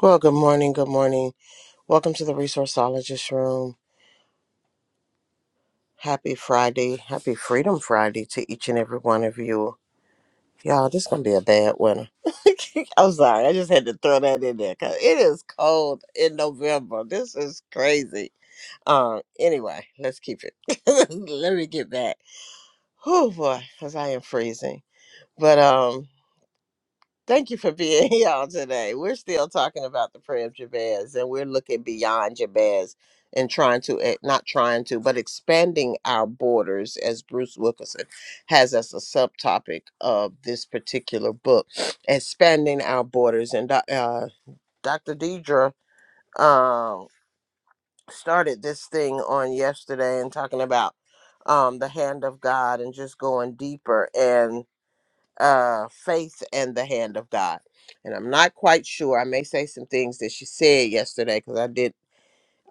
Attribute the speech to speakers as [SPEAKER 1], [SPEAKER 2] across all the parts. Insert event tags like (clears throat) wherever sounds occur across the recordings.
[SPEAKER 1] Well, good morning. Good morning. Welcome to the Resourceologist Room. Happy Friday. Happy Freedom Friday to each and every one of you. Y'all, this going to be a bad winter. (laughs) I'm sorry. I just had to throw that in there because it is cold in November. This is crazy. Um. Anyway, let's keep it. (laughs) Let me get back. Oh, boy, because I am freezing. But, um, Thank you for being (laughs) here on today. We're still talking about the prayer of Jabez, and we're looking beyond Jabez and trying to, eh, not trying to, but expanding our borders, as Bruce Wilkinson has as a subtopic of this particular book, (sniffs) expanding our borders. And Doc- uh, Dr. Deidre um, started this thing on yesterday and talking about um, the hand of God and just going deeper uh, faith and the hand of God. And I'm not quite sure. I may say some things that she said yesterday because I did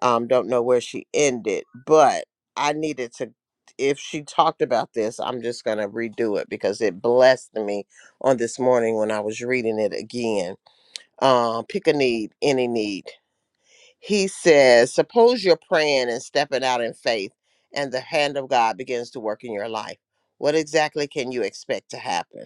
[SPEAKER 1] um, don't know where she ended, but I needed to. If she talked about this, I'm just gonna redo it because it blessed me on this morning when I was reading it again. Uh, pick a need, any need. He says, suppose you're praying and stepping out in faith, and the hand of God begins to work in your life. What exactly can you expect to happen?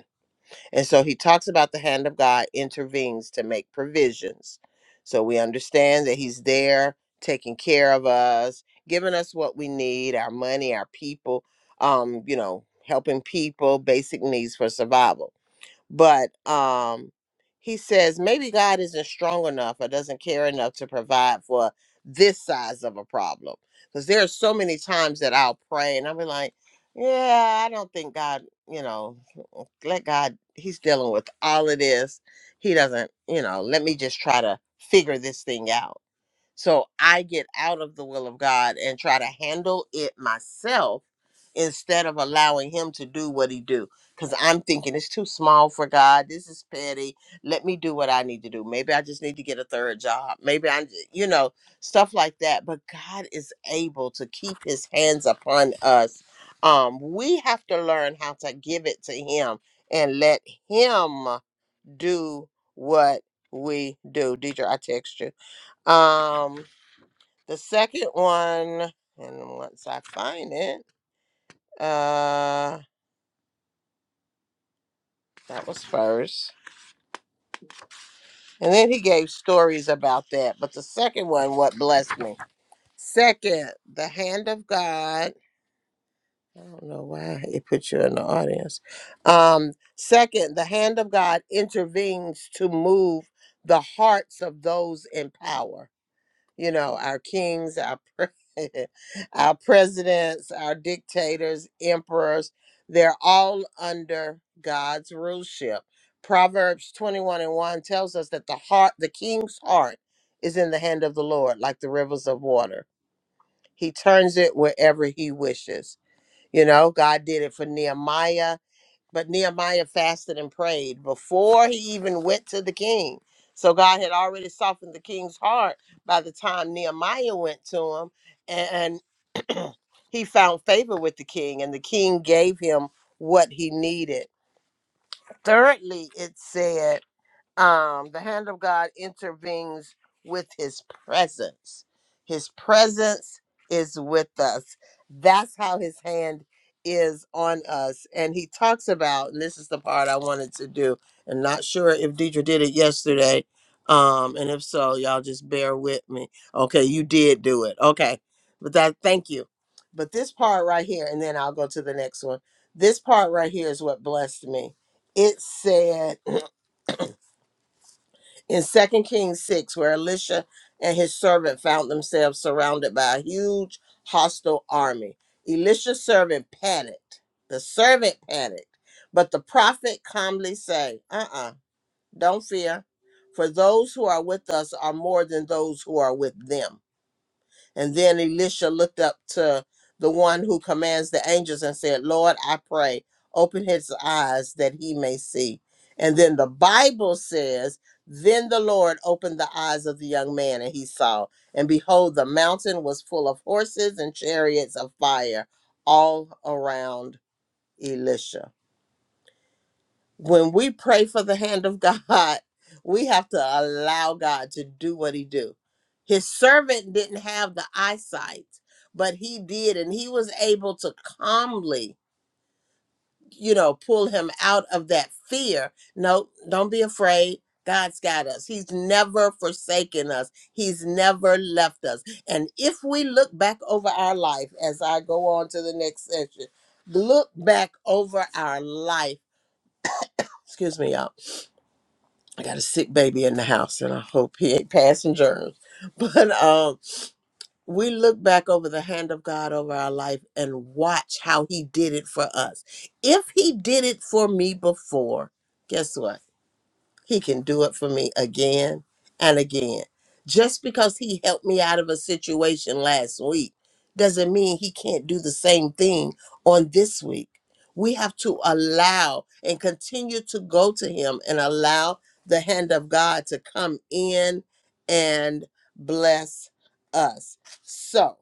[SPEAKER 1] And so he talks about the hand of God intervenes to make provisions. So we understand that he's there taking care of us, giving us what we need, our money, our people, um, you know, helping people, basic needs for survival but um he says maybe god isn't strong enough or doesn't care enough to provide for this size of a problem because there are so many times that i'll pray and i'll be like yeah i don't think god you know let god he's dealing with all of this he doesn't you know let me just try to figure this thing out so I get out of the will of God and try to handle it myself instead of allowing him to do what he do cuz I'm thinking it's too small for God. This is petty. Let me do what I need to do. Maybe I just need to get a third job. Maybe I j- you know, stuff like that. But God is able to keep his hands upon us. Um we have to learn how to give it to him and let him do what we do. Deidre, I text you. Um the second one, and once I find it, uh, that was first. And then he gave stories about that. But the second one, what blessed me. Second, the hand of God. I don't know why it put you in the audience. Um, second, the hand of God intervenes to move the hearts of those in power. you know, our kings, our pre- (laughs) our presidents, our dictators, emperors, they're all under God's ruleship. Proverbs 21 and 1 tells us that the heart, the king's heart is in the hand of the Lord, like the rivers of water. He turns it wherever he wishes. You know, God did it for Nehemiah. But Nehemiah fasted and prayed before he even went to the king. So God had already softened the king's heart by the time Nehemiah went to him. And (clears throat) he found favor with the king, and the king gave him what he needed. Thirdly, it said, um, the hand of God intervenes with his presence. His presence is with us. That's how his hand is on us. And he talks about, and this is the part I wanted to do, and not sure if Deidre did it yesterday. Um, and if so, y'all just bear with me. Okay, you did do it. Okay. But that thank you. But this part right here, and then I'll go to the next one. This part right here is what blessed me. It said in second kings 6 where elisha and his servant found themselves surrounded by a huge hostile army elisha's servant panicked the servant panicked but the prophet calmly said uh-uh don't fear for those who are with us are more than those who are with them and then Elisha looked up to the one who commands the angels and said, Lord, I pray, open his eyes that he may see. And then the Bible says, Then the Lord opened the eyes of the young man, and he saw. And behold, the mountain was full of horses and chariots of fire all around Elisha when we pray for the hand of God, we have to allow God to do what he do. His servant didn't have the eyesight, but he did and he was able to calmly, you know, pull him out of that fear. No, don't be afraid. God's got us. He's never forsaken us. He's never left us. And if we look back over our life as I go on to the next section, look back over our life. Excuse me, y'all I got a sick baby in the house, and I hope he ain't passing germs. (laughs) But um, we look back over the hand of God over our life and watch how He did it for us. If He did it for me before, guess what? He can do it for me again and again. Just because he helped me out of a situation last week doesn't mean he can't do the same thing on this week. We have to allow and continue to go to him and allow the hand of God to come in and bless us. So,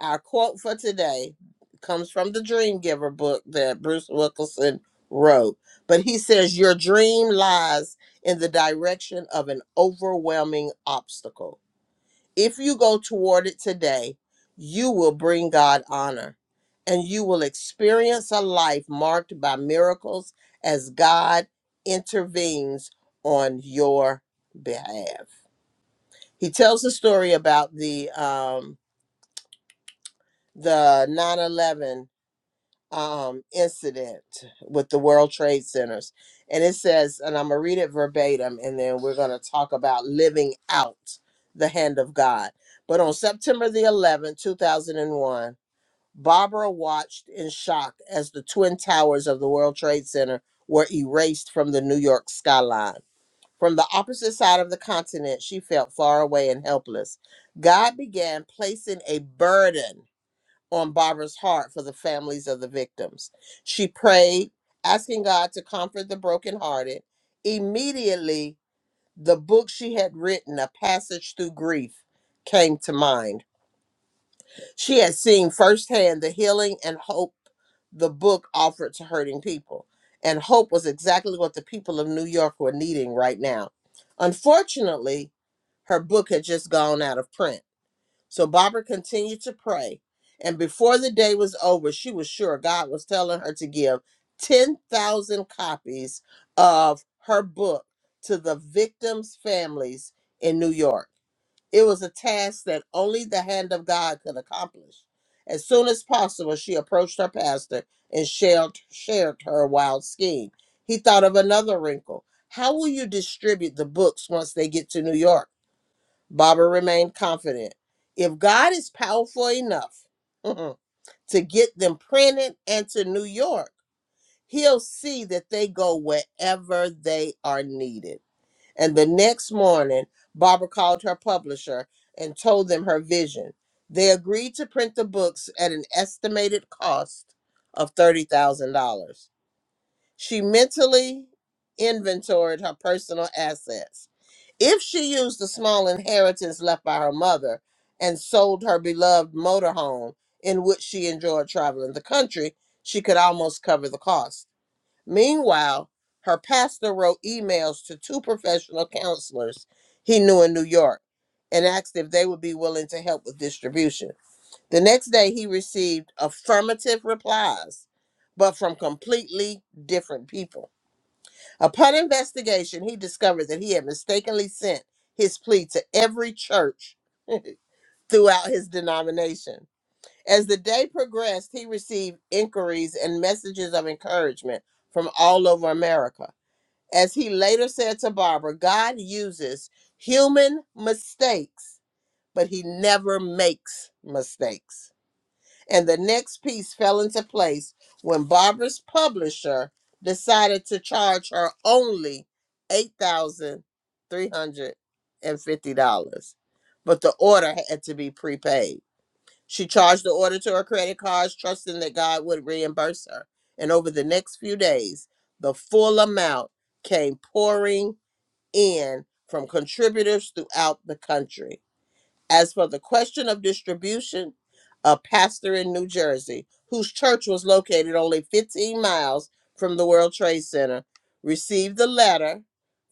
[SPEAKER 1] our quote for today comes from the Dream Giver book that Bruce Wilkinson wrote. But he says, Your dream lies in the direction of an overwhelming obstacle. If you go toward it today, you will bring God honor and you will experience a life marked by miracles as God intervenes on your behalf. He tells the story about the um, the nine eleven. um, incident with the World Trade Centers. And it says, and I'm going to read it verbatim, and then we're going to talk about living out the hand of God. But on September the 11th, 2001, Barbara watched in shock as the twin towers of the World Trade Center were erased from the New York skyline. From the opposite side of the continent, she felt far away and helpless. God began placing a burden on Barbara's heart for the families of the victims. She prayed, asking God to comfort the brokenhearted. Immediately, the book she had written, A Passage Through Grief, came to mind. She had seen firsthand the healing and hope the book offered to hurting people. And hope was exactly what the people of New York were needing right now. Unfortunately, her book had just gone out of print. So Barbara continued to pray, and before the day was over, she was sure God was telling her to give 10,000 copies of her book to the victims' families in New York. It was a task that only the hand of God could accomplish. As soon as possible, she approached her pastor and shared, shared her wild scheme. He thought of another wrinkle. How will you distribute the books once they get to New York? Barbara remained confident. If God is powerful enough (laughs) to get them printed and to New York, he'll see that they go wherever they are needed. And the next morning, Barbara called her publisher and told them her vision. They agreed to print the books at an estimated cost of $30,000. She mentally inventoried her personal assets. If she used the small inheritance left by her mother and sold her beloved motorhome in which she enjoyed traveling the country, she could almost cover the cost. Meanwhile, her pastor wrote emails to two professional counselors he knew in New York and asked if they would be willing to help with distribution. The next day, he received affirmative replies, but from completely different people. Upon investigation, he discovered that he had mistakenly sent his plea to every church (laughs) throughout his denomination. As the day progressed, he received inquiries and messages of encouragement from all over America. As he later said to Barbara, God uses human mistakes, but he never makes mistakes. And the next piece fell into place when Barbara's publisher decided to charge her only $8,350. But the order had to be prepaid. She charged the order to her credit cards, trusting that God would reimburse her. And over the next few days, the full amount came pouring in from contributors throughout the country. As for the question of distribution, a pastor in New Jersey, whose church was located only 15 miles from the World Trade Center, received the letter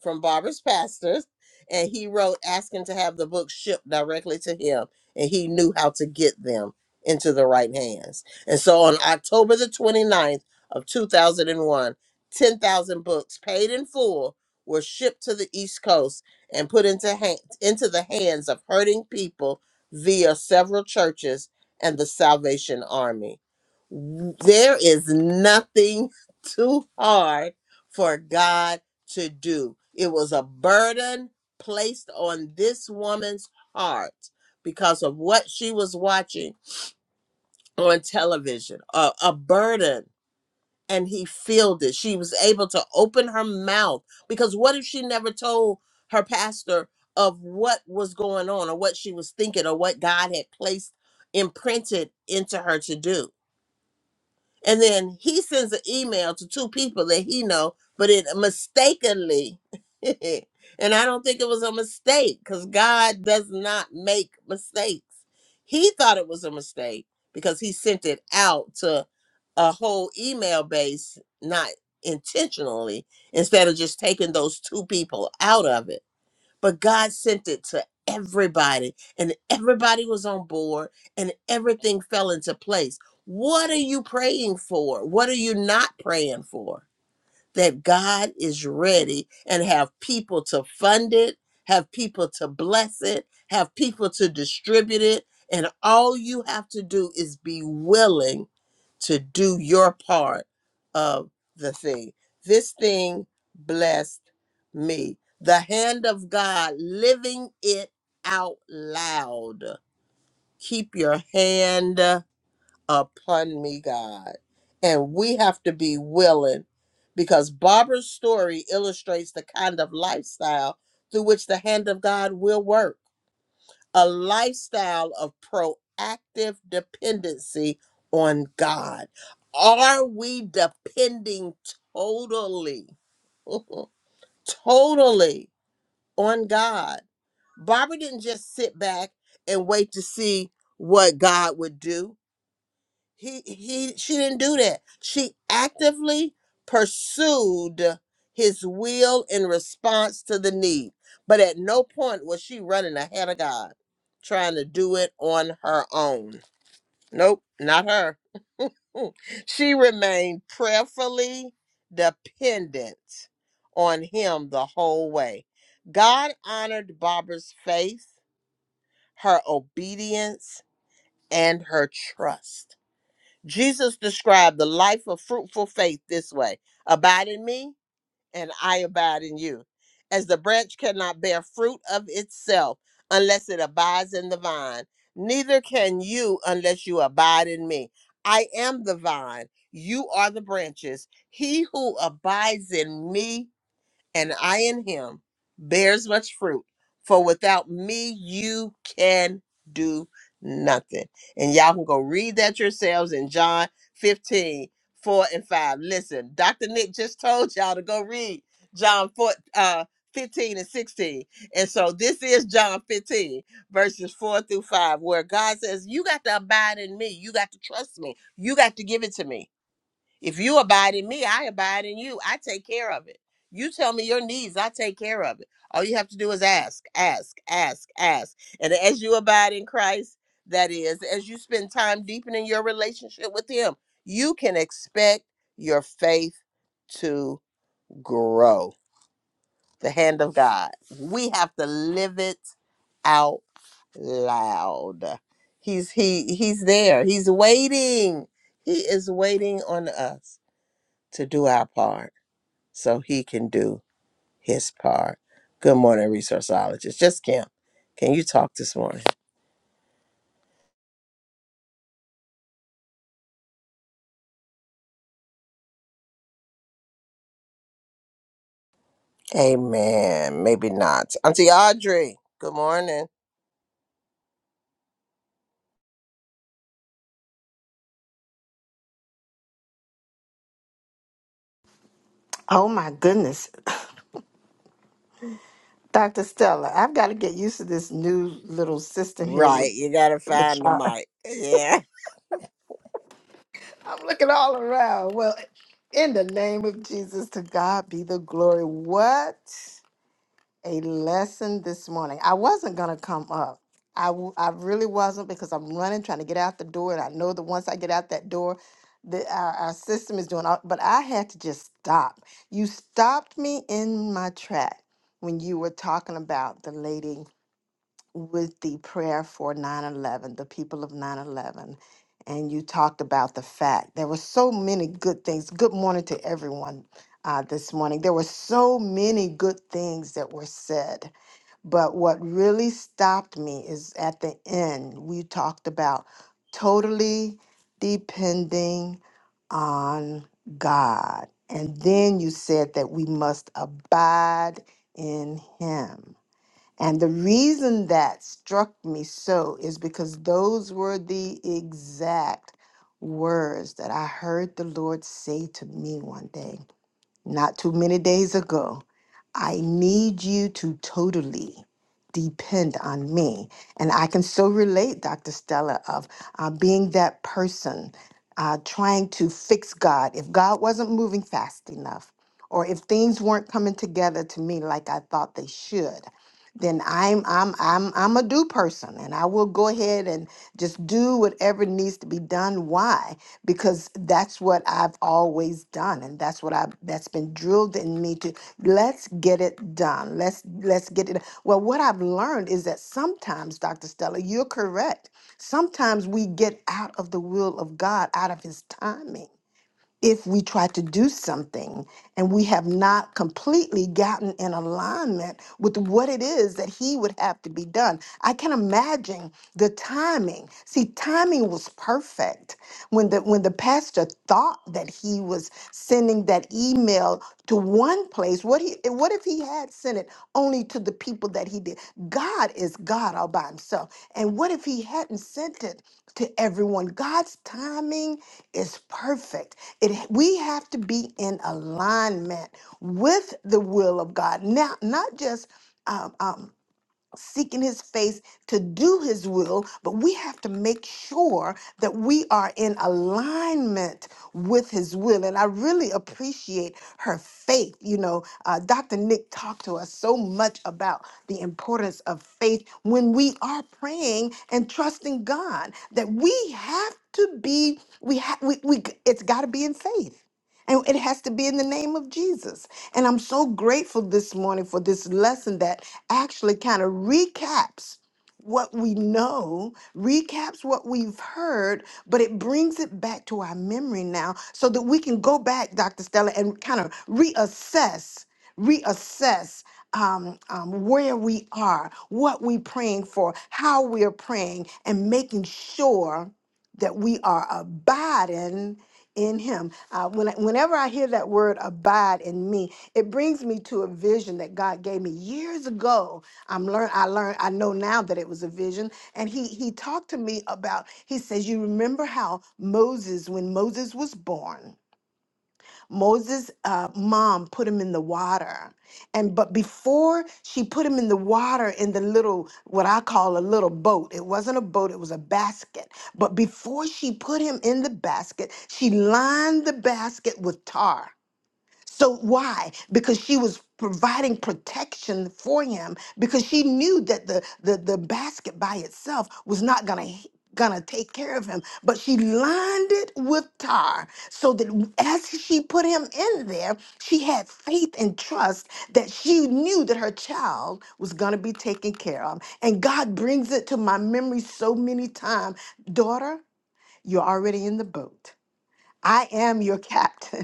[SPEAKER 1] from Barbara's pastors, and he wrote asking to have the books shipped directly to him, and he knew how to get them into the right hands. And so on October the 29th of 2001, 10,000 books paid in full were shipped to the East Coast and put into, ha- into the hands of hurting people via several churches and the Salvation Army. W- There is nothing (laughs) too hard for God to do. It was a burden placed on this woman's heart because of what she was watching on television, a, a burden and he filled it. She was able to open her mouth because what if she never told her pastor of what was going on or what she was thinking or what God had placed imprinted into her to do? and then he sends an email to two people that he know but it mistakenly (laughs) and i don't think it was a mistake because god does not make mistakes he thought it was a mistake because he sent it out to a whole email base not intentionally instead of just taking those two people out of it but God sent it to everybody, and everybody was on board, and everything fell into place. What are you praying for? What are you not praying for? that God is ready and have people to fund it, have people to bless it, have people to distribute it. And all you have to do is be willing to do your part of the thing. This thing blessed me. The hand of God living it out loud. Keep your hand upon me, God. And we have to be willing because Barbara's story illustrates the kind of lifestyle through which the hand of God will work a lifestyle of proactive dependency on God. Are we depending totally, (laughs) totally on God? Barbara didn't just sit back and wait to see what God would do he he she didn't do that. She actively pursued his will in response to the need. But at no point was she running ahead of God, trying to do it on her own. Nope, not her. (laughs) Mm. she remained prayerfully dependent on him the whole way. God honored Barbara's faith, her obedience, and her trust. Jesus described the life of fruitful faith this way Abide in me, and I abide in you. As the branch cannot bear fruit of itself unless it abides in the vine, neither can you unless you abide in me. I am the vine, you are the branches. He who abides in me and I in him bears much fruit. For without me, you can do nothing. And y'all can go read that yourselves in John 15 4 and 5. Listen, Dr. Nick just told y'all to go read John 4, uh, 15 and 16. And so this is John 15, verses 4 through 5, where God says, You got to abide in me. You got to trust me. You got to give it to me. If you abide in me, I abide in you. I take care of it. You tell me your needs, I take care of it. All you have to do is ask, ask, ask, ask. And as you abide in Christ, that is, as you spend time deepening your relationship with Him, you can expect your faith to grow. The hand of God. We have to live it out loud. He's he he's there. He's waiting. He is waiting on us to do our part so he can do his part. Good morning, resourceologist. Just Kim, can you talk this morning? Amen. Maybe not. Auntie Audrey, good morning.
[SPEAKER 2] Oh my goodness, Dr. Stella, I've got to get used to this new little system here with
[SPEAKER 1] Right, you gotta
[SPEAKER 2] with
[SPEAKER 1] find the
[SPEAKER 2] uh, (laughs)
[SPEAKER 1] mic. Yeah.
[SPEAKER 2] I'm looking all around. Well, in the name of Jesus, to God be the glory. What a lesson this morning. I wasn't going to come up. I, w- I really wasn't because I'm running, trying to get out the door. And I know that once I get out that door, the, our, our system is doing all, but I had to just stop. You stopped me in my track when you were talking about the lady with the prayer for nine eleven, the people of nine eleven, and you talked about the fact there were so many good things. Good morning to everyone uh, this morning. There were so many good things that were said, but what really stopped me is at the end we talked about totally depending on God, and then you said that we must abide in Him. And the reason that struck me so is because those were the exact words that I heard the Lord say to me one day not too many days ago. I need you to totally depend on me. And I can so relate, Dr. Stella, of uh, being that person uh, trying to fix God. If God wasn't moving fast enough, or if things weren't coming together to me like I thought they should, then I'm I'm I'm I'm a do person and I will go ahead and just do whatever needs to be done. Why? because that's what I've always done and that's what I that's been drilled in me to let's get it done. Let's let's get it. Well, what I've learned is that sometimes Dr. Stella, you're correct. Sometimes we get out of the will of God, out of his timing if we try to do something and we have not completely gotten in alignment with what it is that he would have to be done. I can imagine the timing. See, timing was perfect when the when the pastor thought that he was sending that email to one place. What he what if he had sent it only to the people that he did? God is God all by himself. And what if he hadn't sent it to everyone? God's timing is perfect. It we have to be in alignment with the will of God. Now, not just um, um, seeking his face to do his will, but we have to make sure that we are in alignment with his will. And I really appreciate her faith. You know, uh, Dr. Nick talked to us so much about the importance of faith when we are praying and trusting God that we have to be, we have, we, we, it's got to be in faith. And it has to be in the name of Jesus. And I'm so grateful this morning for this lesson that actually kind of recaps what we know, recaps what we've heard, but it brings it back to our memory now so that we can go back, Dr. Stella, and kind of reassess, reassess um, um, where we are, what we're praying for, how we are praying, and making sure that we are abiding in Him. Uh, when, whenever I hear that word abide in me, it brings me to a vision that God gave me years ago. I'm learn I learned I know now that it was a vision and he he talked to me about he says you remember how Moses when Moses was born Moses uh, mom put him in the water and but before she put him in the water in the little what I call a little boat it wasn't a boat it was a basket but before she put him in the basket she lined the basket with tar so why? Because she was providing protection for him because she knew that the the, the basket by itself was not going to gonna take care of him but she lined it with tar so that w- as she put him in there she had faith and trust that she knew that her child was gonna be taken care of and god brings it to my memory so many times daughter you're already in the boat i am your captain (laughs)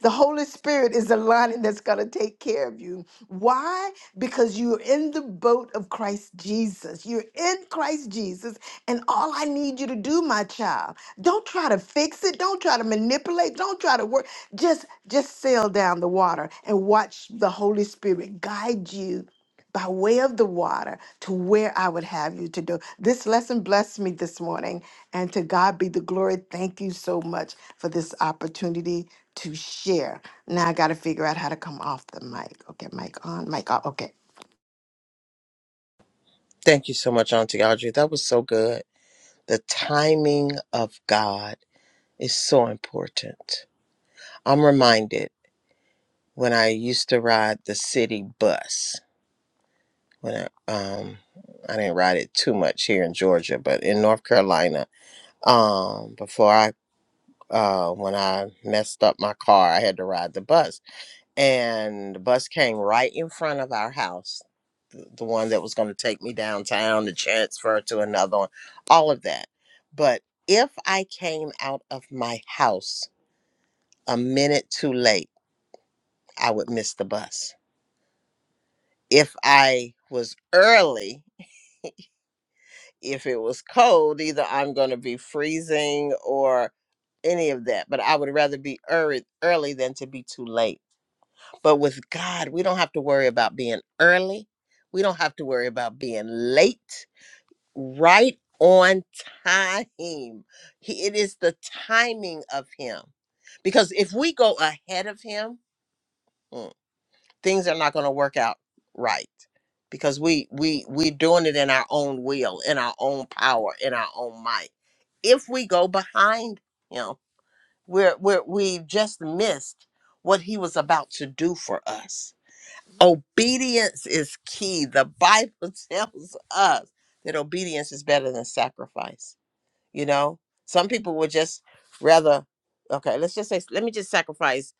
[SPEAKER 2] The Holy Spirit is the lining that's going to take care of you. Why? Because you're in the boat of Christ Jesus. You're in Christ Jesus. And all I need you to do, my child, don't try to fix it. Don't try to manipulate. Don't try to work. Just, just sail down the water and watch the Holy Spirit guide you by way of the water to where I would have you to do. This lesson blessed me this morning, and to God be the glory. Thank you so much for this opportunity to share. Now I got to figure out how to come off the mic. Okay, mic on, mic off. Okay.
[SPEAKER 1] Thank you so much, Auntie Audrey. That was so good. The timing of God is so important. I'm reminded when I used to ride the city bus. When I um I didn't ride it too much here in Georgia, but in North Carolina, um before i uh when i messed up my car i had to ride the bus and the bus came right in front of our house th- the one that was going to take me downtown to transfer to another one all of that but if i came out of my house a minute too late i would miss the bus if i was early if it was cold, either I'm going to be freezing or any of that. But I would rather be early, early than to be too late. But with God, we don't have to worry about being early. We don't have to worry about being late. Right on time. He, it is the timing of Him. Because if we go ahead of Him, mm, things are not going to work out right because we we we doing it in our own will, in our own power, in our own might. If we go behind him, we're we're we've just missed what he was about to do for us. Obedience is key. The Bible (laughs) tells us that obedience is better than sacrifice. You know, some people would just rather okay. Let's just say, let me just sacrifice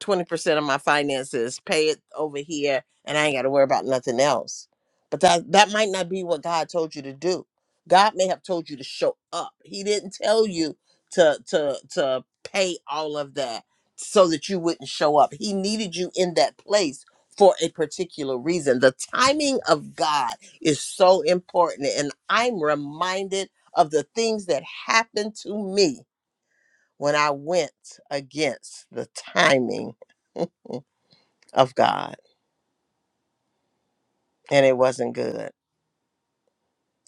[SPEAKER 1] 20% of my finances, pay it over here, and I ain't got to worry about nothing else. But that that might not be what God told you to do. God may have told you to show up. He didn't tell you to to to pay all of that so that you wouldn't show up. He needed you in that place for a particular reason. The timing of God is so important and I'm reminded of the things that happened to me when I went against the timing of God, and it wasn't good.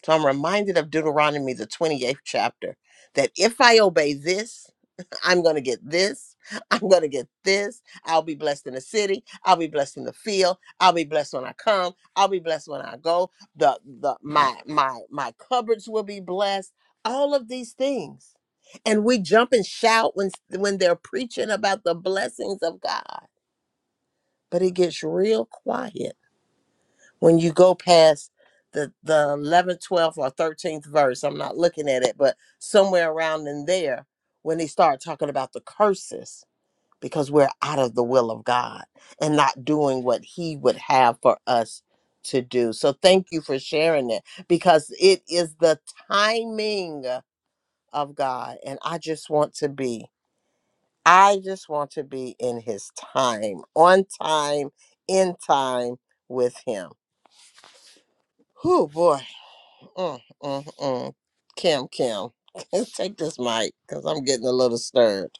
[SPEAKER 1] So I'm reminded of Deuteronomy, the 28th chapter, that if I obey this, (laughs) I'm going to get this. (laughs) I'm going to get this. I'll be blessed in the city. I'll be blessed in the field. I'll be blessed when I come. I'll be blessed when I go. The the my my my cupboards will be blessed. All of these things. And we jump and shout when when they're preaching about the blessings of God. But it gets real quiet when you go past the the 11th 12th or 13th verse i'm not looking at it but somewhere around in there when they start talking about the curses because we're out of the will of god and not doing what he would have for us to do so thank you for sharing it because it is the timing of god and i just want to be i just want to be in his time on time in time with him oh boy Mm, mm, mm. Kim, Kim, (laughs) take this mic because I'm getting a little stirred.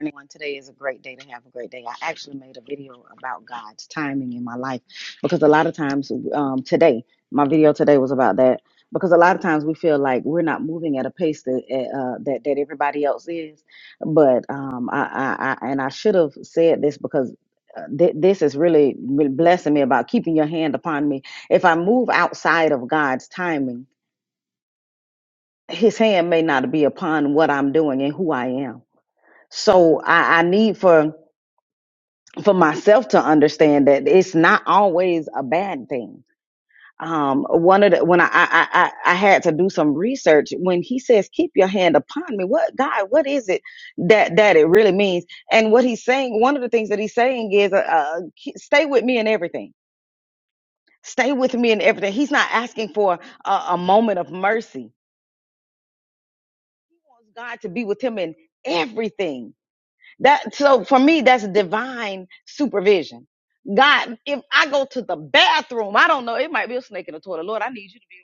[SPEAKER 3] Anyone, today is a great day to have a great day. I actually made a video about God's timing in my life because a lot of times, um, today, my video today was about that because a lot of times we feel like we're not moving at a pace that eh, uh, that that everybody else is. But um, I, I, I and I should have said this because. uh, thi- This is really really blessing me about keeping your hand upon me. If I move outside of God's timing, His hand may not be upon what I'm doing and who I am. So I, I need for for myself to understand that it's not always a bad thing. Um, one of the when I, I I I had to do some research when he says keep your hand upon me, what God, what is it that that it really means? And what he's saying, one of the things that he's saying is, uh, uh, ke- stay with me in everything. Stay with me in everything. He's not asking for a, a moment of mercy. He wants God to be with him in everything That so for me, that's divine supervision. God, if I go to the bathroom, I don't know, it might be a snake in the toilet. Lord, I need you to be.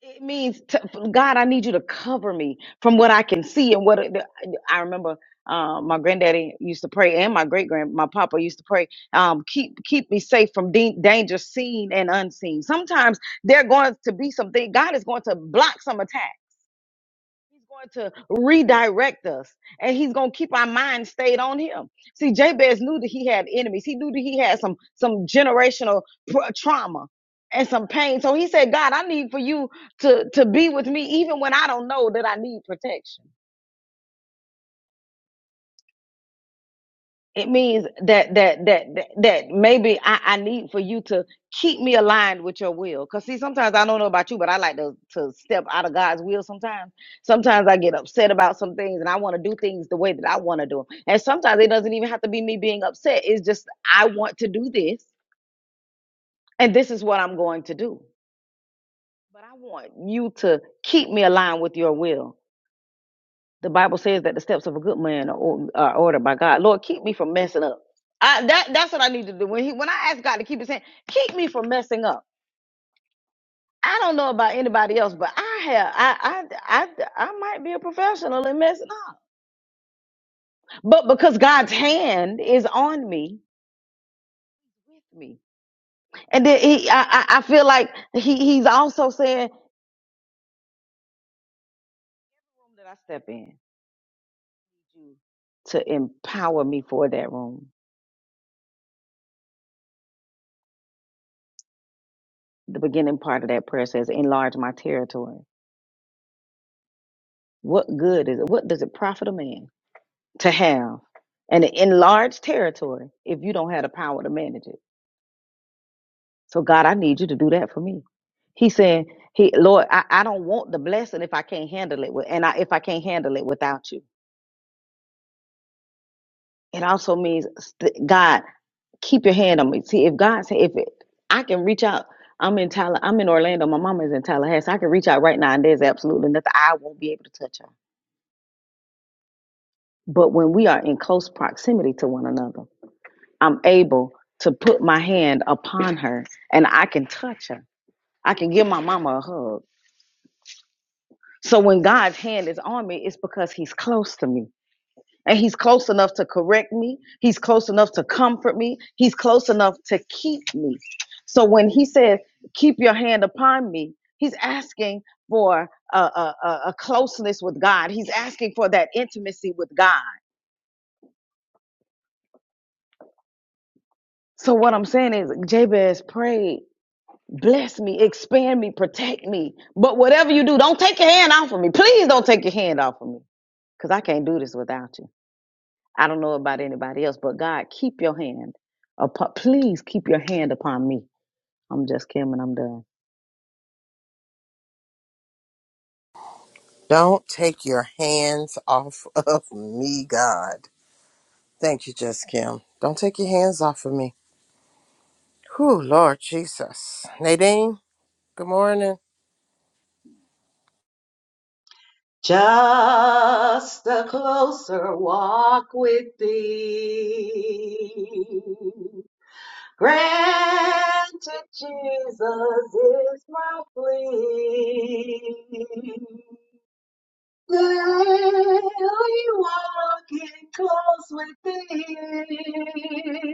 [SPEAKER 3] It means to, God, I need you to cover me from what I can see and what I remember. Uh, my granddaddy used to pray, and my great grand, my papa used to pray. Um, keep keep me safe from de- danger seen and unseen. Sometimes they're going to be something. God is going to block some attacks He's going to redirect us and he's going to keep our mind stayed on him. See, Jabez knew that he had enemies. He knew that he had some, some generational pr- trauma and some pain. So he said, God, I need for you to, to be with me even when I don't know that I need protection. it means that that that that, that maybe I, I need for you to keep me aligned with your will because see sometimes i don't know about you but i like to, to step out of god's will sometimes sometimes i get upset about some things and i want to do things the way that i want to do 'em. and sometimes it doesn't even have to be me being upset it's just i want to do this and this is what i'm going to do but i want you to keep me aligned with your will The Bible says that the steps of a good man are, or- are ordered by God. Lord, keep me from messing up. I, that that's what I need to do. When he when I ask God to keep his hand, keep me from messing up. I don't know about anybody else, but I have I I I, I might be a professional in messing up. But because God's hand is on me, with me, and then he I I I feel like he he's also saying that I step in to empower me for that room. The beginning part of that prayer says, enlarge my territory. What good is it? What does it profit a man to have an enlarged territory if you don't have the power to manage it? So God, I need you to do that for me. He said, He Lord, I, I don't want the blessing if I can't handle it with, and I, if I can't handle it without you. It also means st- God, keep your hand on me. See, if God say if it, I can reach out, I'm in Tall, I'm in Orlando. My mama is in Tallahassee. I can reach out right now, and there's absolutely nothing I won't be able to touch her. But when we are in close proximity to one another. I'm able to put my hand upon (laughs) her and I can touch her. I can give my mama a hug. So when God's hand is on me, it's because he's close to me. And he's close enough to correct me. He's close enough to comfort me. He's close enough to keep me. So when he says, keep your hand upon me, he's asking for a, a, a a closeness with God. He's asking for that intimacy with God. So what I'm saying is Jabez prayed Bless me, expand me, protect me. But whatever you do, don't take your hand off of me. Please don't take your hand off of me because I can't do this without you. I don't know about anybody else, but God, keep your hand upon, please keep your hand upon me. I'm just Kim, and I'm done.
[SPEAKER 1] Don't take your hands off (laughs) of me, God. Thank you, Just Kim. Don't take your hands off of me. Whew, Lord Jesus. Nadine, good morning.
[SPEAKER 4] Just a closer walk with thee. Granted, Jesus is my plea. Daily walking close with thee.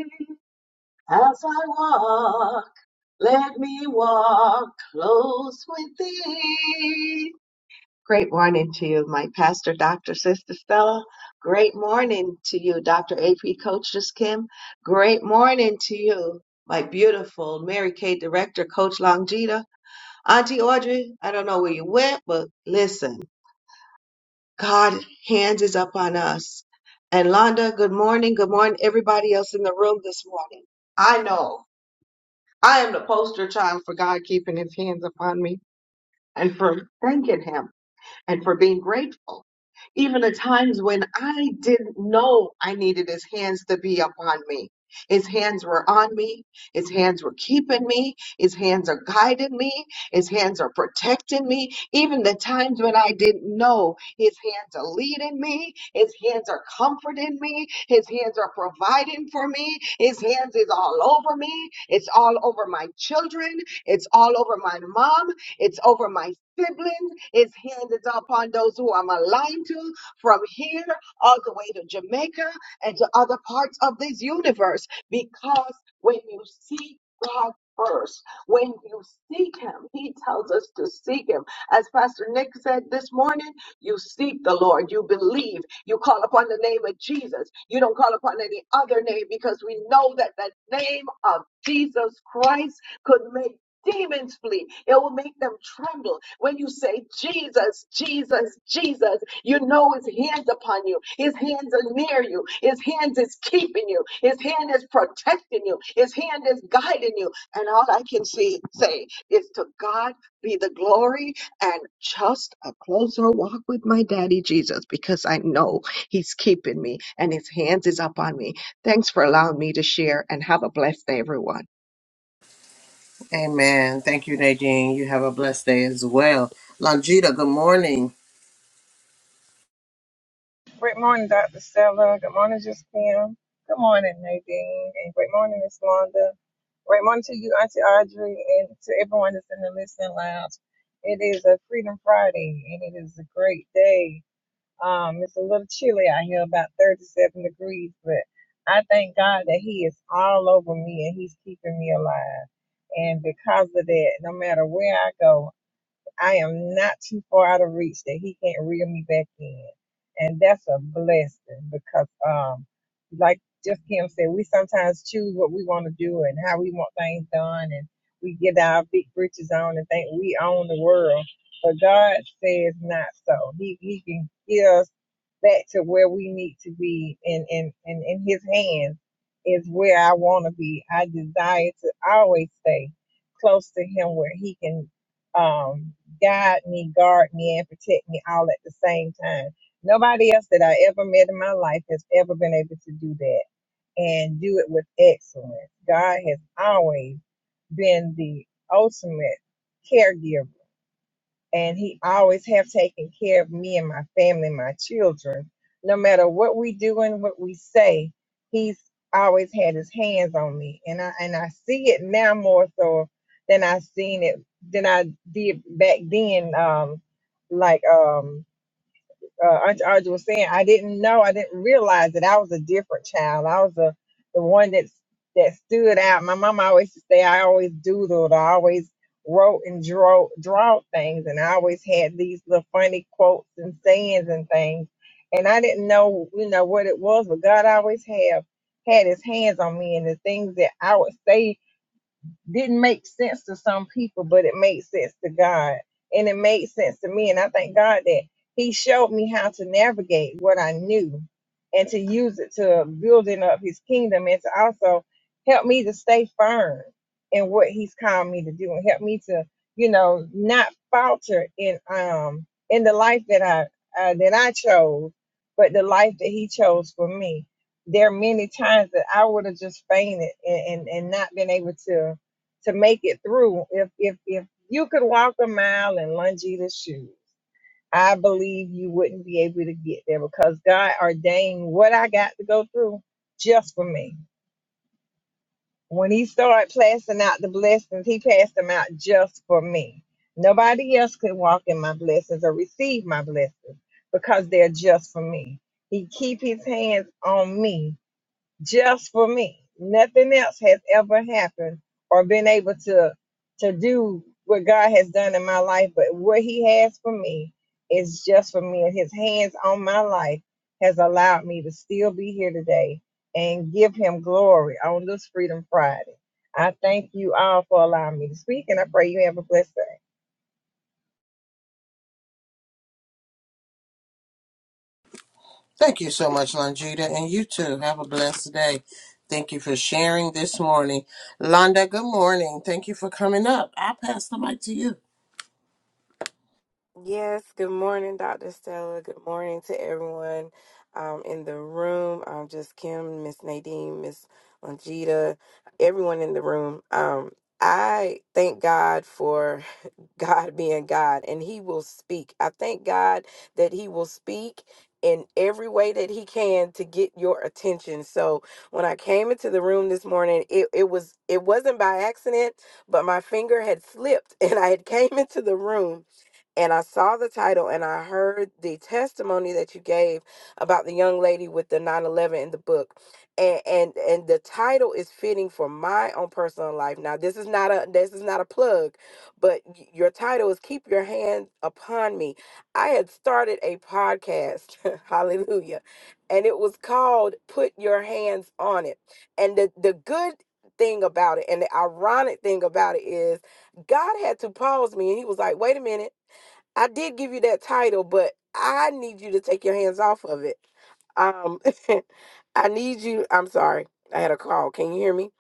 [SPEAKER 4] As I walk, let me walk close with thee. Great morning to you, my pastor, Dr. Sister Stella. Great morning to you, Dr. AP Coaches Kim. Great morning to you, my beautiful Mary Kay director, Coach Longita. Auntie Audrey, I don't know where you went, but listen, God's hands is up on us. And Londa, good morning. Good morning, everybody else in the room this morning. I know I am the poster child for God keeping his hands upon me and for thanking him. and for being grateful. Even at times when I didn't know I needed his hands to be upon me. His hands were on me. His hands were keeping me. His hands are guiding me. His hands are protecting me. Even the times when I didn't know, his hands are leading me. His hands are comforting me. His hands are providing for me. His hands is all over me. It's all over my children. It's all over my mom. It's over my siblings. His hand is upon those who I'm aligned to from here all the way to Jamaica and to other parts of this universe. Because when you seek God first, when you seek Him, He tells us to seek Him. As Pastor Nick said this morning, you seek the Lord, you believe, you call upon the name of Jesus. You don't call upon any other name because we know that the name of Jesus Christ could make demons flee. It will make them tremble. When you say, Jesus, Jesus, Jesus, you know his hands upon you. His hands are near you. His hands is keeping you. His hand is protecting you. His hand is guiding you. And all I can see, say is to God be the glory and just a closer walk with my daddy Jesus because I know he's keeping me and his hands is up on me. Thanks for allowing me to share and have a blessed day, everyone.
[SPEAKER 1] Amen. Thank you, Nadine. You have a blessed day as well. Longita, good morning.
[SPEAKER 5] Great morning, Dr. Stella. Good morning, Just Kim. Good morning, Nadine. And great morning, Miss Londa. Great morning to you, Auntie Audrey, and to everyone that's in the listening lounge. It is a Freedom Friday, and it is a great day. Um, it's a little chilly out here, about 37 degrees, but I thank God that He is all over me and He's keeping me alive. And because of that, no matter where I go, I am not too far out of reach that he can't reel me back in. And that's a blessing because um like just Kim said, we sometimes choose what we want to do and how we want things done and we get our big britches on and think we own the world. But God says not so. He he can get us back to where we need to be and in, in, in his hands is where I wanna be. I desire to always stay close to him where he can um guide me, guard me, and protect me all at the same time. Nobody else that I ever met in my life has ever been able to do that and do it with excellence. God has always been the ultimate caregiver and he always have taken care of me and my family and my children no matter what we do and what we say he's always had his hands on me and i and i see it now more so than i seen it than i did back then um like um uh, Aunt Audrey was saying, I didn't know, I didn't realize that I was a different child. I was a, the one that that stood out. My mom always used to say I always doodled, I always wrote and draw draw things, and I always had these little funny quotes and sayings and things. And I didn't know, you know, what it was, but God always have had His hands on me, and the things that I would say didn't make sense to some people, but it made sense to God. And it made sense to me. And I thank God that He showed me how to navigate what I knew and to use it to building up His kingdom and to also help me to stay firm in what He's called me to do and help me to, you know, not falter in um in the life that I uh, that I chose, but the life that He chose for me there are many times that I would have just fainted and, and, and not been able to to make it through. If if if you could walk a mile in Longita's shoes, I believe you wouldn't be able to get there because God ordained what I got to go through just for me. When He started passing out the blessings, He passed them out just for me. Nobody else could walk in my blessings or receive my blessings because they're just for me. He keep His hands on me just for me. Nothing else has ever happened or been able to to do what God has done in my life, but what He has for me is just for me. And His hands on my life has allowed me to still be here today and give Him glory on this Freedom Friday. I thank you all for allowing me to speak, and I pray you have a blessed day.
[SPEAKER 1] Thank you so much, Longita, and you too. Have a blessed day. Thank you for sharing this morning. Londa, good morning. Thank you for coming up. I'll pass the mic to you.
[SPEAKER 6] Yes, good morning, Dr. Stella. Good morning to everyone um, in the room. Um, just Kim, Miss Nadine, Miss Longita, everyone in the room. Um, I thank God for (laughs) God being God and He will speak. I thank God that He will speak in every way that He can to get your attention. So when I came into the room this morning, it, it was it wasn't by accident, but my finger had slipped (laughs) and I had came into the room and I saw the title and I heard the testimony that you gave about the young lady with the nine eleven in the book. And and and the title is fitting for my own personal life. Now, this is not a this is not a plug, but y- your title is keep your hand upon me. I had started a podcast. (laughs) Hallelujah. And it was called Put Your Hands on It. And the the good thing about it and the ironic thing about it is God had to pause me and he was like, "Wait a minute. I did give you that title, but I need you to take your hands off of it. Um, (laughs) I need you. I'm sorry. I had a call. Can you hear me?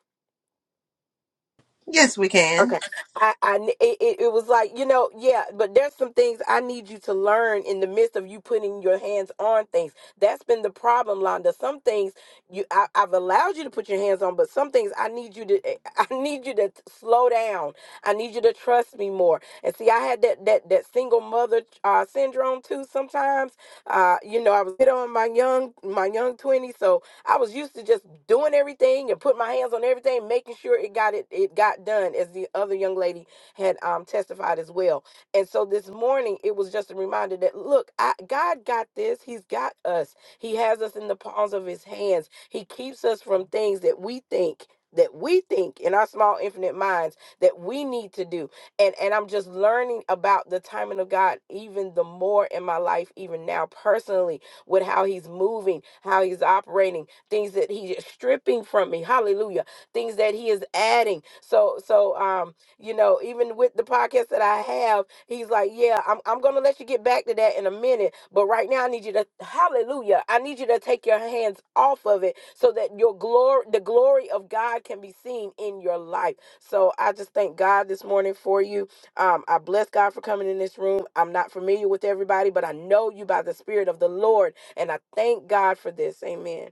[SPEAKER 1] Yes, we can.
[SPEAKER 6] Okay. I, I n- it, it it was like, you know, yeah, but there's some things I need you to learn in the midst of you putting your hands on things. That's been the problem, Londa. Some things you I, I've allowed you to put your hands on, but some things I need you to (laughs) I need you to slow down. I need you to trust me more. And see, I had that that that single mother uh syndrome too sometimes. Uh, you know, I was hit on my young my young 20s, so I was used to just doing everything and putting my hands on everything, making sure it got it it got done, as the other young lady had um, testified as well. And so this morning, it was just a reminder that look, I, God got this. He's got us. He has us in the palms of His hands. He keeps us from things that we think that we think in our small infinite minds that we need to do and and I'm just learning about the timing of God even the more in my life even now personally with how he's moving how he's operating things that he is stripping from me. Hallelujah. Things that he is adding. So so um you know, even with the podcast that I have, he's like, "Yeah, I'm I'm going to let you get back to that in a minute, but right now I need you to hallelujah. I need you to take your hands off of it so that your glory the glory of God can be seen in your life." So I just thank God this morning for you. Um, I bless God for coming in this room. I'm not familiar with everybody, but I know you by the Spirit of the Lord, and I thank God for this. Amen.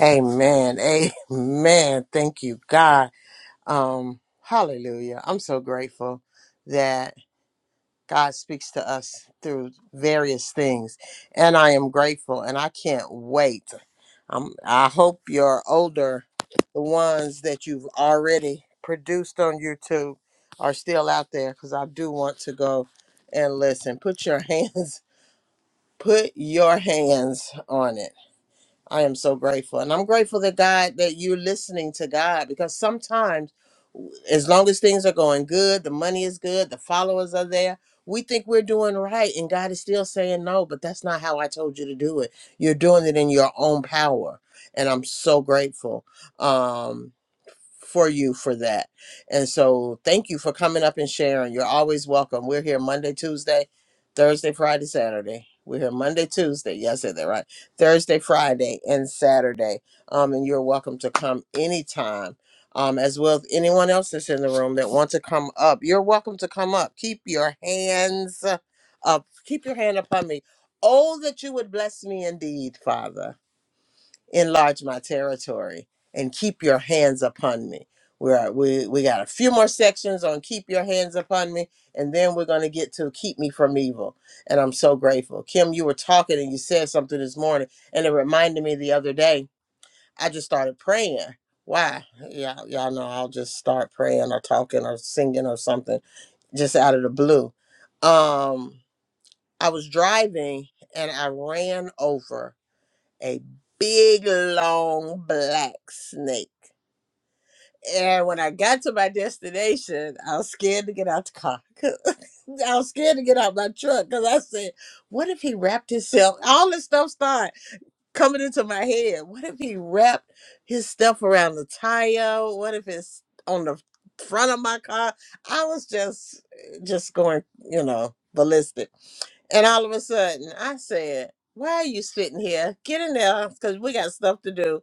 [SPEAKER 1] Amen. Amen. Thank you, God. Um, hallelujah. I'm so grateful that God speaks to us through various things. And I am grateful and I can't wait. Um, I hope your older, the ones that you've already produced on YouTube, are still out there because I do want to go and listen. Put your hands, (laughs) put your hands on it. I am so grateful. And I'm grateful that God, that you're listening to God because sometimes, w- as long as things are going good, the money is good, the followers are there, we think we're doing right. And God is still saying, no, but that's not how I told you to do it. You're doing it in your own power. And I'm so grateful. Um, for you for that. And so thank you for coming up and sharing. You're always welcome. We're here Monday, Tuesday, Thursday, Friday, Saturday. We're here Monday, Tuesday. Yeah, I said that right. Thursday, Friday, and Saturday. Um, and you're welcome to come anytime. Um, as well as anyone else that's in the room that wants to come up. You're welcome to come up. Keep your hands up. Keep your hand upon me. Oh, that you would bless me indeed, Father enlarge my territory and keep your hands upon me. We're, we we got a few more sections on keep your hands upon me, and then we're going to get to keep me from evil. And I'm so grateful. Kim, you were talking and you said something this morning, and it reminded me the other day. I just started praying. Why? Y'all, y'all know I'll just start praying or talking or singing or something just out of the blue. Um, I was driving and I ran over a big long black snake. And when I got to my destination, I was scared to get out the car. (laughs) 'Cause I was scared to get out my truck because I said, "What if he wrapped himself?" All this stuff started coming into my head. What if he wrapped his stuff around the tire? What if it's on the front of my car? I was just, just going, you know, ballistic. And all of a sudden, I said, why are you sitting here? Get in there because we got stuff to do.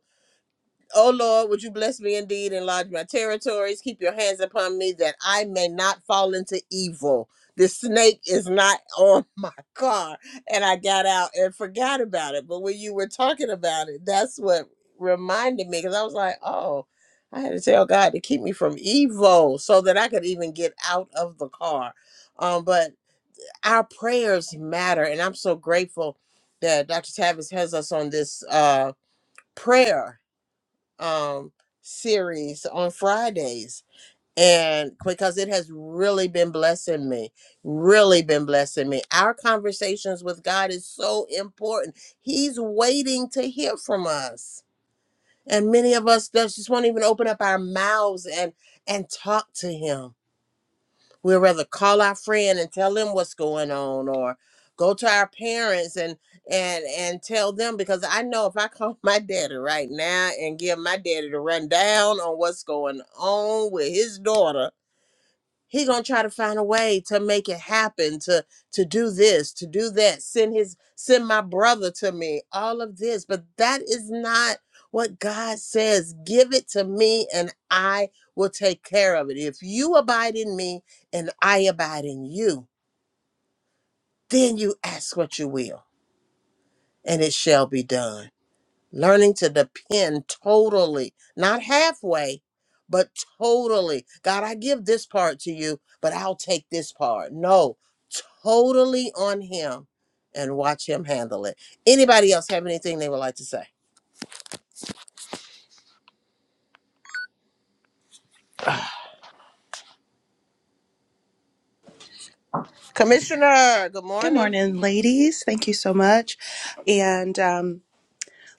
[SPEAKER 1] Oh Lord, would you bless me indeed, enlarge my territories, keep your hands upon me that I may not fall into evil. The snake is not (laughs) on my car. And I got out and forgot about it. But when you were talking about it, that's what reminded me because I was like, oh, I had to tell God to keep me from evil so that I could even get out of the car. Um, but our prayers matter. And I'm so grateful that Dr. Tavis has us on this uh, prayer um series on Fridays and because it has really been blessing me really been blessing me our conversations with God is so important he's waiting to hear from us and many of us just won't even open up our mouths and and talk to him We'd rather call our friend and tell them what's going on or go to our parents and and and tell them because I know if I (laughs) call my daddy right now and give my daddy the rundown on what's going on with his daughter he gonna try to find a way to make it happen to to do this to do that send his send my brother to me all of this but that is not what god says give it to me and i will take care of it if you abide in me and i abide in you then you ask what you will and it shall be done learning to depend totally, not halfway, but totally. God, I give this part to you, but I'll take this part. No, totally on Him and watch Him handle it. Anybody else have anything they would like to say? Commissioner, good
[SPEAKER 7] Good
[SPEAKER 1] morning.
[SPEAKER 7] morning, ladies. Thank you so much. And um,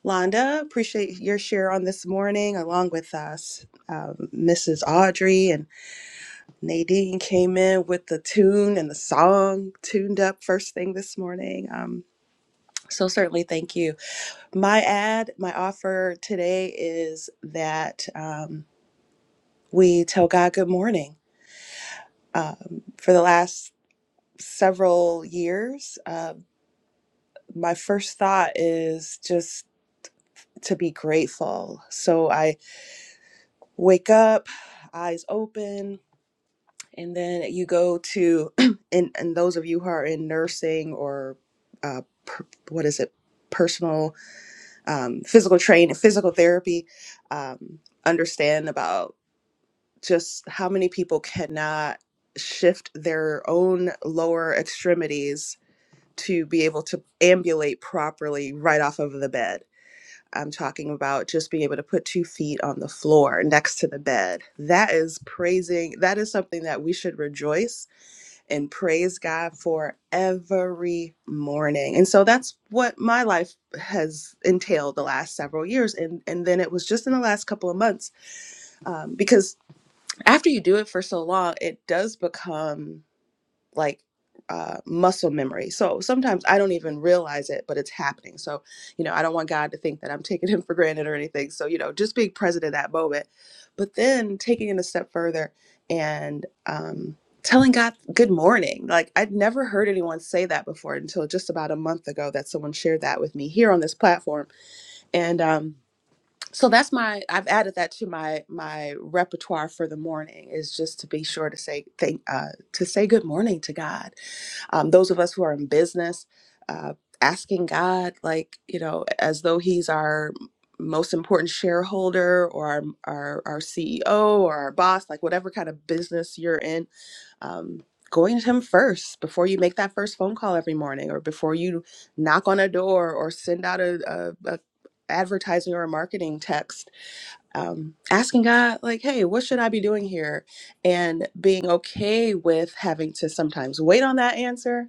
[SPEAKER 7] Londa, appreciate your share on this morning, along with us, um, Mrs. Audrey and Nadine came in with the tune and the song tuned up first thing this morning. Um, so certainly, thank you. My ad, my offer today is that um, we tell God good morning. Um, for the last several years, uh, my first thought is just to be grateful. So I wake up, eyes open, and then you go to, (clears throat) and, and those of you who are in nursing or uh, per, what is it, personal, um, physical training, physical therapy, um, understand about just how many people cannot shift their own lower extremities to be able to ambulate properly right off of the bed I'm talking about just being able to put two feet on the floor next to the bed. That is praising, that is something that we should rejoice and praise God for every morning. And so that's what my life has entailed the last several years. And, and then it was just in the last couple of months um, because after you do it for so long, it does become like uh, muscle memory. So sometimes I don't even realize it, but it's happening. So, you know, I don't want God to think that I'm (laughs) taking him for granted or anything. So, you know, just being present in that moment, but then taking it a step further and um, telling God, good morning. Like I'd never heard anyone say that before until just about a month ago that someone shared that with me here on this platform. And, um, so that's my I've added that to my my repertoire for the morning is just to be sure to say thank uh to say good morning to God um, those of us who are in business, uh, asking God, like, you know, as though He's our most important shareholder or our, our, our CEO or our boss, like whatever kind of business you're in, um, going to Him first before you make that first phone call every morning or before you knock on a door or send out a, a, a advertising or a marketing text um, asking God, like, hey, what should I be doing here? And being okay with having to sometimes wait on that answer.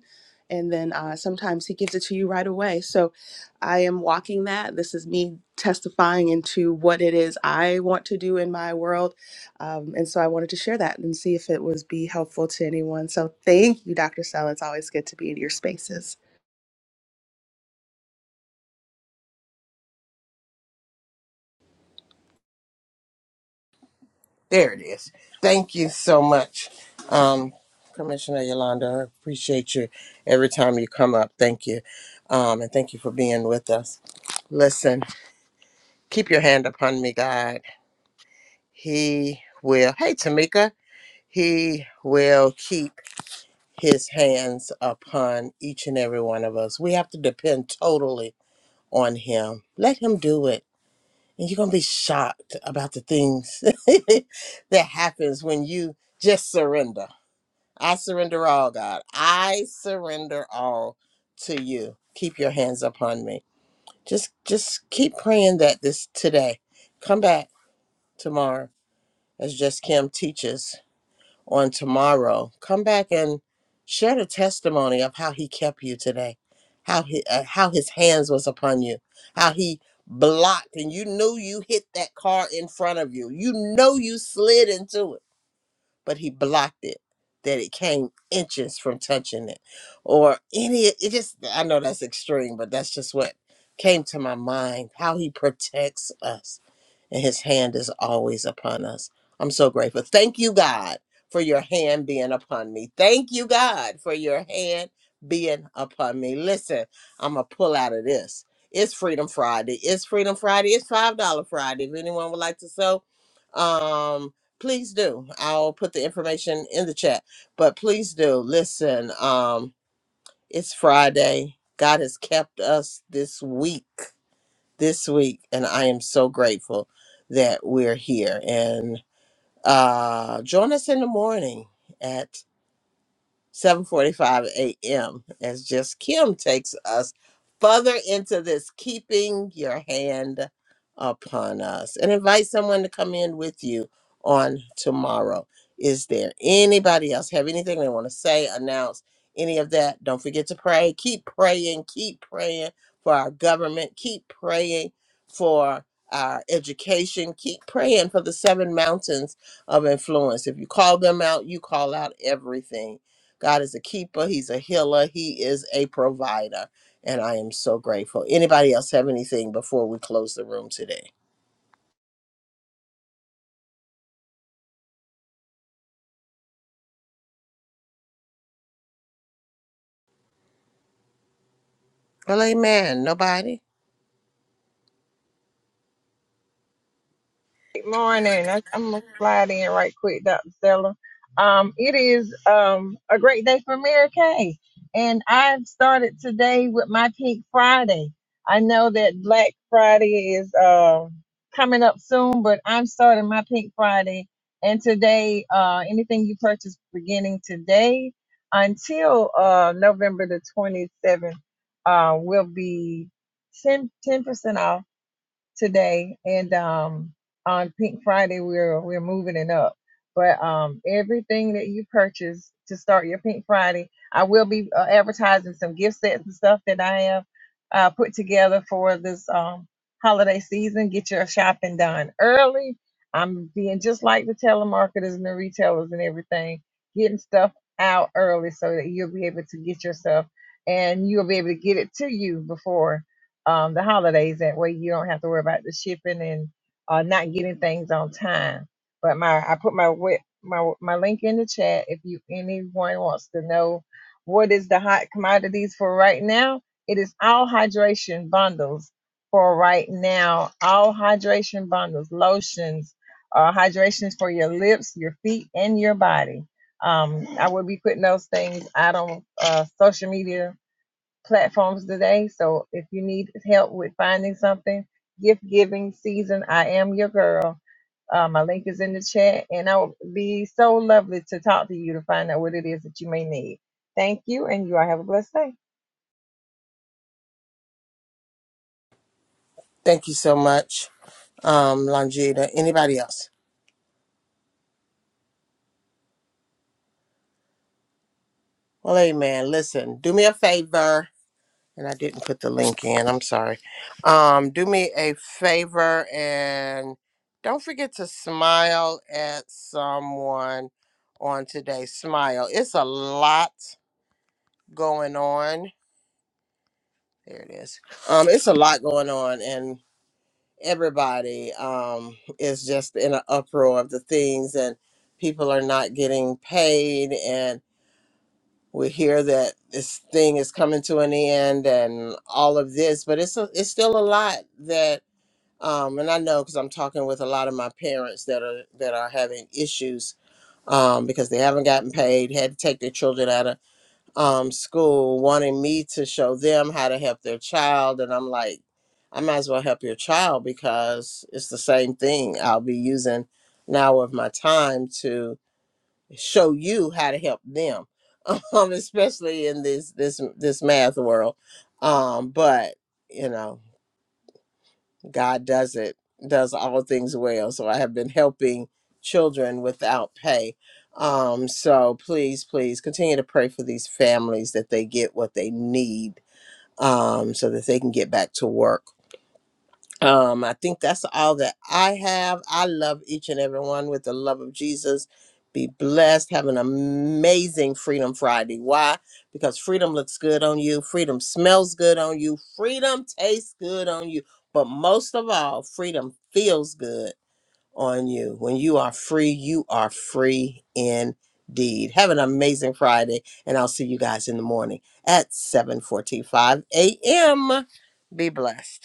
[SPEAKER 7] And then uh, sometimes He gives it to you right away. So I am walking that. This is me testifying into what it is I want to do in my world. Um, and so I wanted to share that and see if it was be helpful to anyone. So thank you, Dr. Sell. It's always good to be in your spaces.
[SPEAKER 1] There it is. Thank you so much. Um, Commissioner Yolanda, I appreciate you every time you come up. Thank you. Um, and thank you for being with us. Listen, keep your hand upon me, God. he will hey tamika he will keep his hands upon each and every one of us we have to depend totally on him let him do it and you're gonna be shocked about the things (laughs) that happens when you just surrender i surrender all god i surrender all to you keep your hands upon me just just keep praying that this today come back tomorrow as just kim teaches on tomorrow, come back and share the testimony of how he kept you today, how he, uh, how his hands was upon you, how he blocked and you knew you hit that car in front of you. You know you slid into it but he blocked it that it came inches from touching it or any it just i know that's extreme but that's just what came to my mind how he protects us and his hand is always upon us i'm so grateful thank you god for your hand being upon me thank you god for your hand being upon me listen i'm gonna pull out of this it's freedom friday it's freedom friday it's five dollar friday if anyone would like to sew um please do i'll put the information in the chat but please do listen um it's friday god has kept us this week this week and i am so grateful that we're here and uh join us in the morning at. 7:45 a.m. as just Kim takes us further into this keeping your hand upon us and invite someone to come in with you on tomorrow. Is there anybody else have anything they want to say, announce, any of that? Don't forget to pray. Keep praying, keep praying for our government, keep praying for our education, keep praying for the seven mountains of influence. If you call them out, you call out everything God is a keeper, He's a healer, He is a provider. And I am so grateful. Anybody else have anything before we close the room today? Well, amen. Nobody?
[SPEAKER 5] Good morning. I, I'm gonna slide in right quick, Dr. Stella. Um, it is um a great day for Mary Kay, and I've started today with my Pink Friday. I know that Black Friday is uh, coming up soon, but I'm starting my Pink Friday, and today, uh, anything you purchase beginning today until uh November the 27th, uh, will be 10 percent off today, and um, on Pink Friday we're we're moving it up. But um, everything that you purchase to start your Pink Friday, I will be uh, advertising some gift sets and stuff that I have uh, put together for this um, holiday season. Get your shopping done early. I'm being just like the telemarketers and the retailers and everything, getting stuff out early so that you'll be able to get yourself and you'll be able to get it to you before um, the holidays. That way you don't have to worry about the shipping and uh, not getting things on time. But my I put my we- my my link in the chat if you anyone wants to know what is the hot commodities for right now. It is all hydration bundles for right now. All hydration bundles, lotions, uh, hydrations for your lips, your feet, and your body. Um, I will be putting those things out on uh, social media platforms today. So if you need help with finding something, gift giving season, I am your girl. Uh, my link is in the chat, and I would be so lovely to talk to you to find out what it is that you may need. Thank you, and you all have a blessed day.
[SPEAKER 1] Thank you so much, um, Longita. Anybody else? Well, amen. Listen, do me a favor. And I didn't put the link in. I'm sorry. Um, do me a favor and don't forget to smile at someone on today. Smile. It's a lot going on There it is. Um, it's a lot going on, and everybody um is just in an uproar of the things, and people are not getting paid, and we hear that this thing is coming to an end, and all of this, but it's a, it's still a lot that. Um, and I know because I'm talking with a lot of my parents that are that are having issues um, because they haven't gotten paid, had to take their children out of um, school wanting me to show them how to help their child. And I'm like, I might as well help your child because it's the same thing. I'll be using an hour of my time to show you how to help them, (laughs) um, especially in this this this math world. Um, but you know. God does it, does all things well. So I have been helping children without pay. Um, so please, please continue to pray for these families that they get what they need um, so that they can get back to work. Um, I think that's all that I have. I love each and every one with the love of Jesus. Be blessed. Have an amazing Freedom Friday. Why? Because freedom looks good on you. Freedom smells good on you. Freedom tastes good on you. But most of all, freedom feels good on you. When you are free, you are free indeed. Have an amazing Friday, and I'll see you guys in the morning at 7:45 a.m. Be blessed.